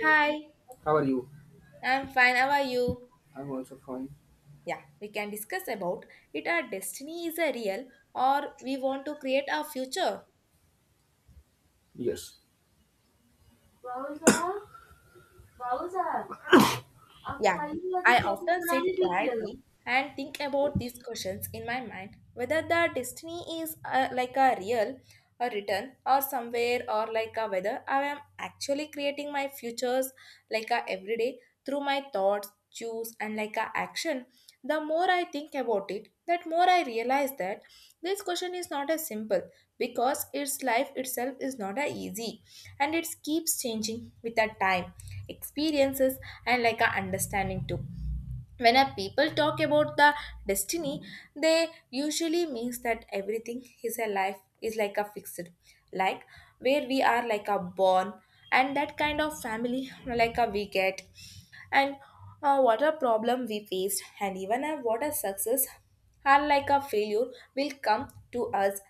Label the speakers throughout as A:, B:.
A: Hi,
B: How are you?
A: I'm fine. How are you?
B: I'm also fine.
A: Yeah, we can discuss about it. Our destiny is a real, or we want to create our future.
B: Yes. बाबू साहब, बाबू साहब, आप
A: Yeah,
B: खाली लगी
A: I
B: choco
A: often sit
B: बनाने दीजिए ना।
A: quietly and think about these questions in my mind whether the destiny is like a real a written or somewhere, or like a whether I am actually creating my futures like a everyday through my thoughts, choose and like a action. The more I think about it, that more I realize that this question is not as simple because its life itself is not a easy and it keeps changing with the time, experiences and like a understanding too. When a people talk about the destiny, they usually means that everything is a life is like a fixed, like where we are like a born and that kind of family like a we get, and what a problem we faced and even a what a success are like a failure will come to us.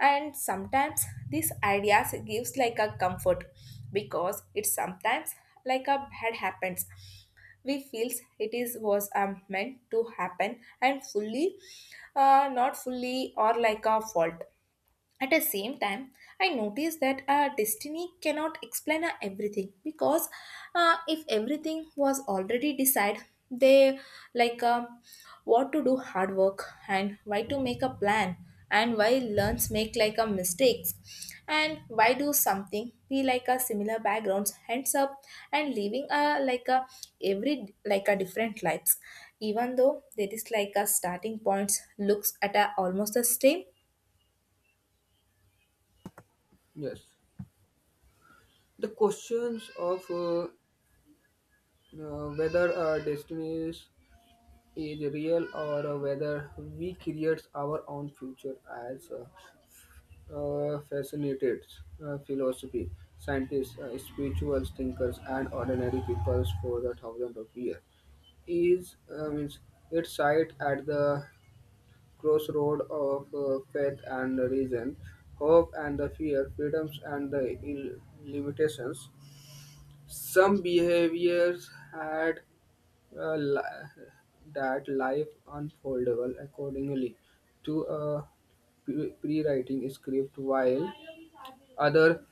A: And sometimes these ideas gives like a comfort because it sometimes like a bad happens, we feels it is was meant to happen and fully not fully or like a fault. At the same time, I noticed that our destiny cannot explain our everything because if everything was already decided, they like what to do hard work, and why to make a plan, and why learns make like a mistakes, and why do something be like a similar backgrounds hands up and living a like a every like a different lives even though there is like a starting points looks at a almost the same.
B: Yes. The questions of whether our destiny is real or whether we create our own future as fascinated philosophy, scientists, spiritual thinkers, and ordinary peoples for the thousands of years. Is means It's site at the crossroad of faith and reason, hope and the fear, freedoms and the limitations. Some behaviors had uh, li- that life unfoldable accordingly to a pre-writing script while other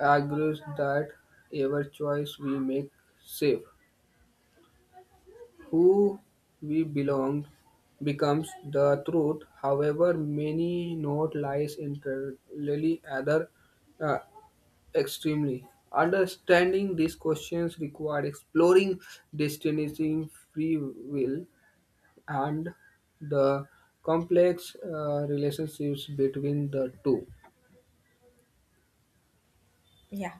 B: argues that every choice we make safe who we belong becomes the truth, however many note lies entirely other uh, extremely. Understanding these questions required exploring destiny, free will, and the complex relationships between the two.
A: Yeah.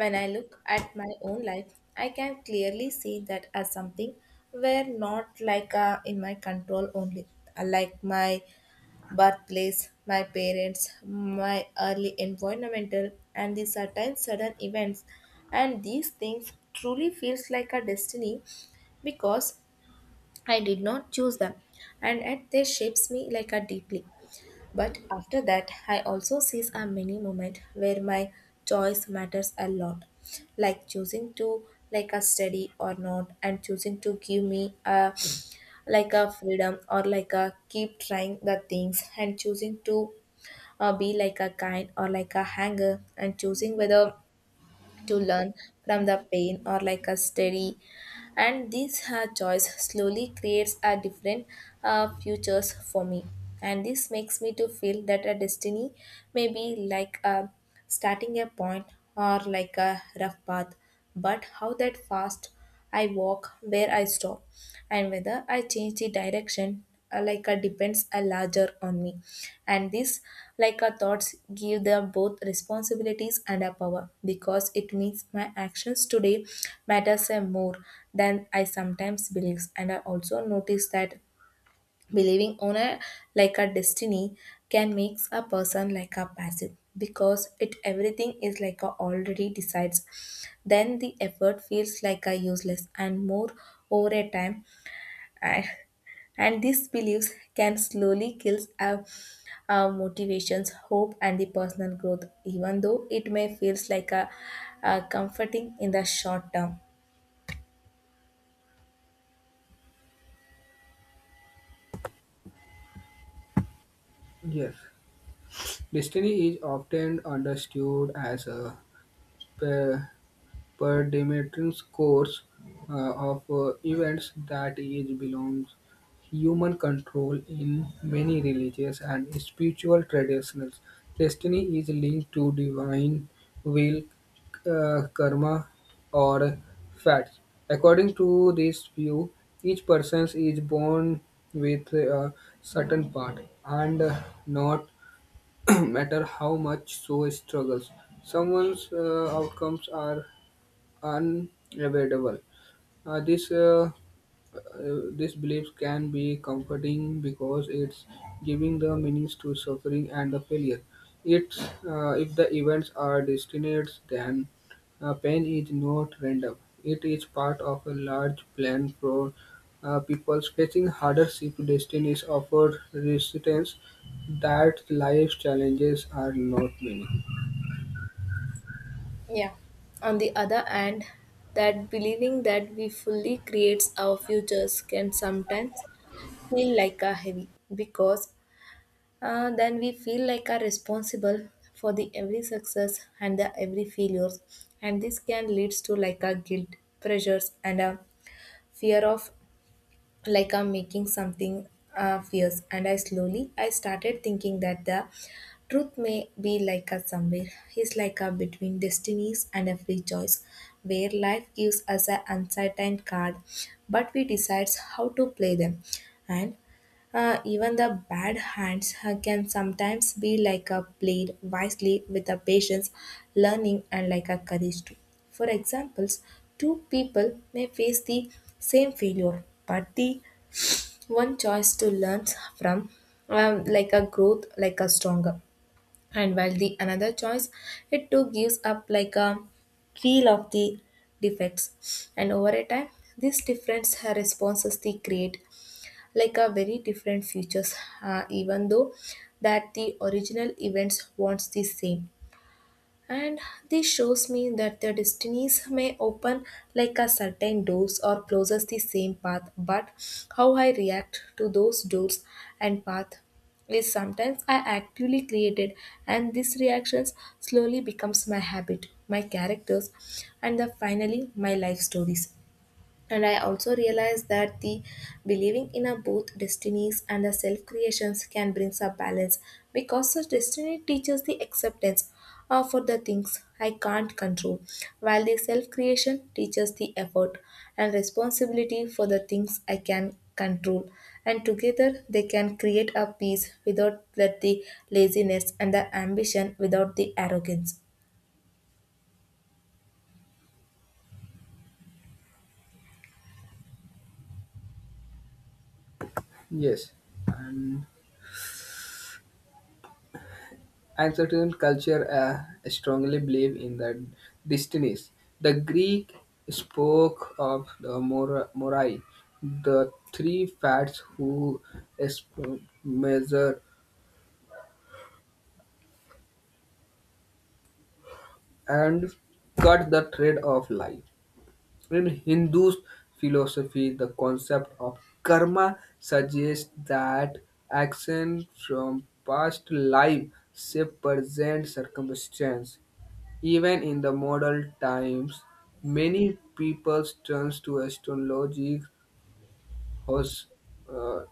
A: When I look at my own life, I can clearly see that as something where not like in my control only. Like my birthplace, my parents, my early environmental, and the certain sudden events, and these things truly feels like a destiny because I did not choose them, and yet they shapes me like a deeply. But after that, I also seize a mini moment where my choice matters a lot, like choosing to like a study or not, and choosing to give me a like a freedom or like a keep trying the things, and choosing to be like a kind or like a hanger, and choosing whether to learn from the pain or like a study, and this choice slowly creates a different futures for me. And this makes me to feel that a destiny may be like a starting a point or like a rough path, but how that fast I walk, where I stop, and whether I change the direction like a depends a larger on me. And this like a thoughts give them both responsibilities and a power because it means my actions today matters a more than I sometimes believe. And I also notice that believing on a like a destiny can make a person like a passive because it everything is like a already decides, then the effort feels like a useless and more over a time. And these beliefs can slowly kill our motivations, hope, and the personal growth, even though it may feels like a comforting in the short term.
B: Yes, destiny is often understood as a uh, Per predetermined course of events that is belongs human control in many religious and spiritual traditions. Destiny is linked to divine will, karma, or fate. According to this view, each person is born with a certain part, and not matter how much so struggles. Someone's outcomes are unavoidable. Uh, this uh, this belief can be comforting because it's giving the meanings to suffering and the failure. It's if the events are destined, then pain is not random. It is part of a large plan for people facing hardship. Destinies offer resistance that life's challenges are not many.
A: Yeah. On the other hand, that believing that we fully creates our futures can sometimes feel like a heavy because then we feel like are responsible for the every success and the every failures, and this can leads to like a guilt, pressures and a fear of like I'm making something fierce. And I slowly, I started thinking that the truth may be like a somewhere. It's like a between destinies and a free choice, where life gives us an uncertain card, but we decides how to play them. And even the bad hands can sometimes be like a played wisely with a patience, learning, and like a courage too. For examples, two people may face the same failure, but the one choice to learn from like a growth like a stronger, and while the another choice it too gives up like a feel of the defects, and over a time these different responses they create like a very different futures even though that the original events wants the same. And this shows me that their destinies may open like a certain doors or closes the same path, but how I react to those doors and path is sometimes I actively created, and these reactions slowly becomes my habit, my characters and the finally my life stories. And I also realized that the believing in a both destinies and the self creations can bring some balance because the destiny teaches the acceptance for the things I can't control, while the self creation teaches the effort and responsibility for the things I can control. And together they can create a peace without let the laziness and the ambition without the arrogance.
B: Yes, and and certain culture strongly believe in the destinies. The Greek spoke of the morai, the three fats who measure and cut the thread of life. In Hindu philosophy, the concept of karma suggests that action from past life shape present circumstance. Even in the modern times, many people turn to astrology, hos, uh,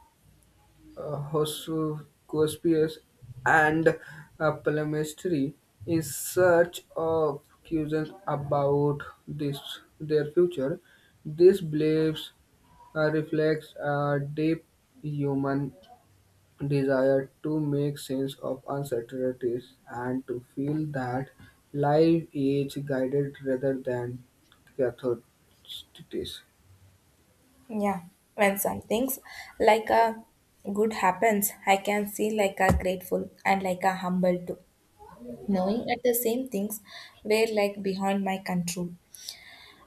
B: horoscopes, and palmistry in search of cues about this their future. These beliefs reflects a deep human desire to make sense of uncertainties and to feel that life is guided rather than catharsis.
A: Yeah, when some things like a good happens, I can see like a grateful and like a humble too, knowing that the same things were like behind my control.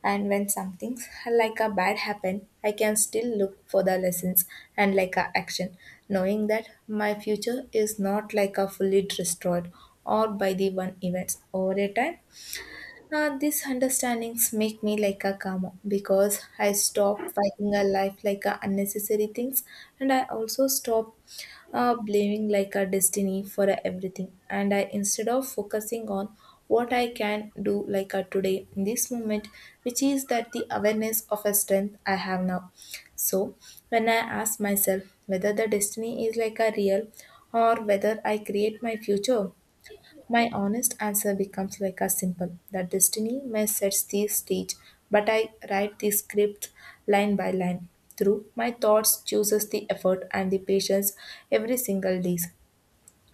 A: And when some things like a bad happen, I can still look for the lessons and like a action, knowing that my future is not like a fully destroyed or by the one events over a time. These understandings make me like a calmer because I stop fighting a life like a unnecessary things, and I also stop blaming like a destiny for a everything. And I instead of focusing on what I can do like a today in this moment, which is that the awareness of a strength I have now. So when I ask myself whether the destiny is like a real or whether I create my future, my honest answer becomes like a simple. That destiny may set the stage, but I write the script line by line. Through my thoughts, chooses the effort and the patience every single day,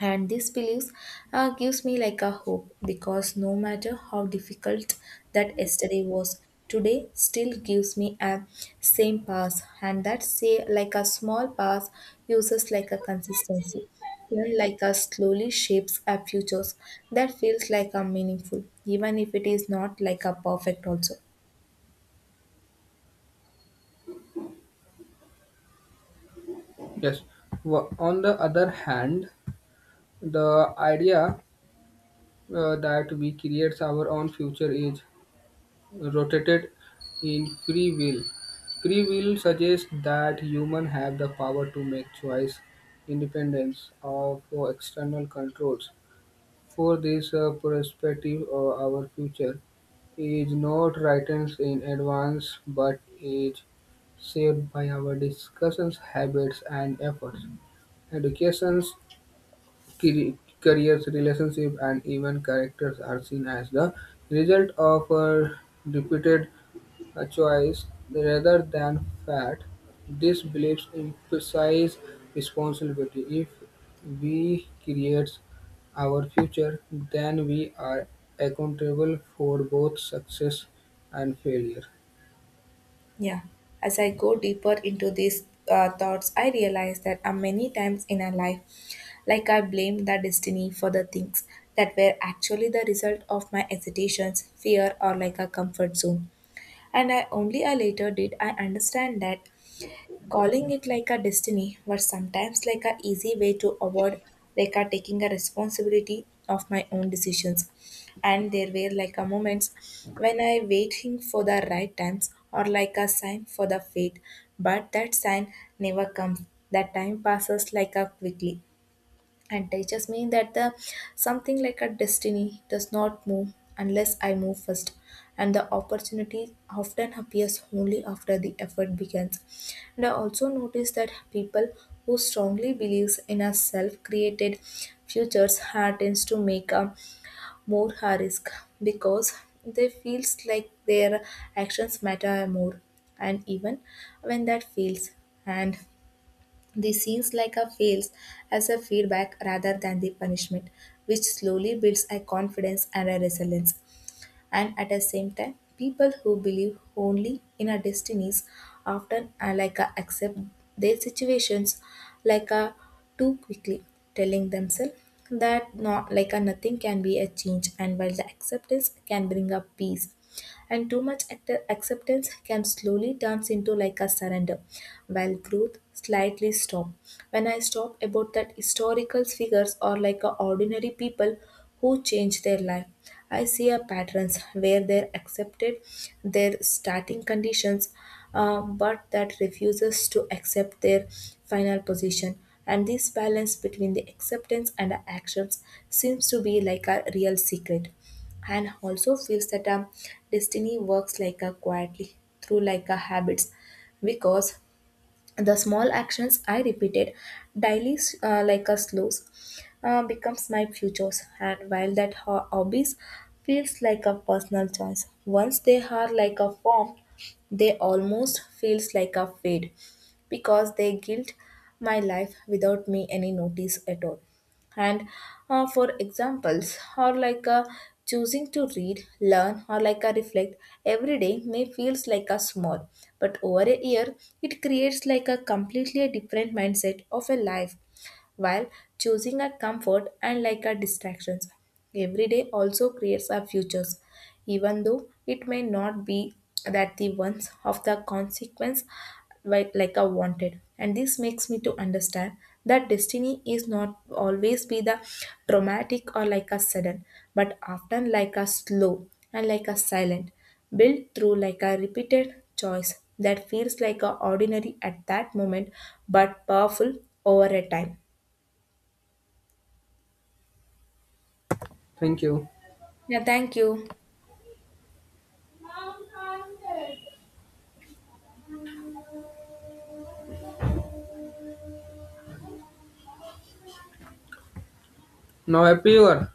A: and these beliefs gives me like a hope because no matter how difficult that yesterday was, today still gives me a same path, and that say like a small path uses like a consistency then like a slowly shapes our futures that feels like a meaningful even if it is not like a perfect also.
B: Yes. On the other hand, the idea that we create our own future is rotated in free will. Free will suggests that humans have the power to make choice independence of external controls. For this perspective, our future is not written in advance but is shaped by our discussions, habits, and efforts. Educations, cre- careers, relationships, and even characters are seen as the result of a repeated a choice rather than fate. These beliefs emphasize responsibility. If we create our future, then we are accountable for both success and failure.
A: Yeah, as I go deeper into these thoughts, I realize that many times in our life, like I blame the destiny for the things that were actually the result of my hesitations, fear, or like a comfort zone. And I only I later did I understand that calling it like a destiny was sometimes like a easy way to avoid like a taking a responsibility of my own decisions. And there were like a moments when I waiting for the right times or like a sign for the fate, but that sign never comes. That time passes like a quickly and teaches me that the something like a destiny does not move unless I move first, and the opportunity often appears only after the effort begins. And I also notice that people who strongly believes in a self-created futures are tends to make a more high risk because they feels like their actions matter more, and even when that fails, and this seems like a fails as a feedback rather than the punishment, which slowly builds a confidence and a resilience. And at the same time, people who believe only in our destinies often are like a accept their situations like a too quickly, telling themselves that not like a nothing can be a change, and while the acceptance can bring up peace and too much acceptance can slowly turns into like a surrender while growth slightly stop. When I stop about that historical figures or like a ordinary people who change their life, I see a patterns where they accepted their starting conditions but that refuses to accept their final position. And this balance between the acceptance and the actions seems to be like a real secret. And also feels that destiny works like a quietly through like a habits because the small actions I repeated daily like a slows becomes my futures. And while that hobbies feels like a personal choice once they are like a form, they almost feels like a fade because they guilt my life without me any notice at all. And for examples or like a choosing to read learn or like a reflect every day may feels like a small, but over a year it creates like a completely a different mindset of a life, while choosing our comfort and like our distractions. Every day also creates our futures, even though it may not be that the ones of the consequence like I wanted. And this makes me to understand that destiny is not always be the dramatic or like a sudden, but often like a slow and like a silent, built through like a repeated choice that feels like a ordinary at that moment but powerful over a time.
B: Thank you.
A: Yeah, thank you.
B: Now, happy hour.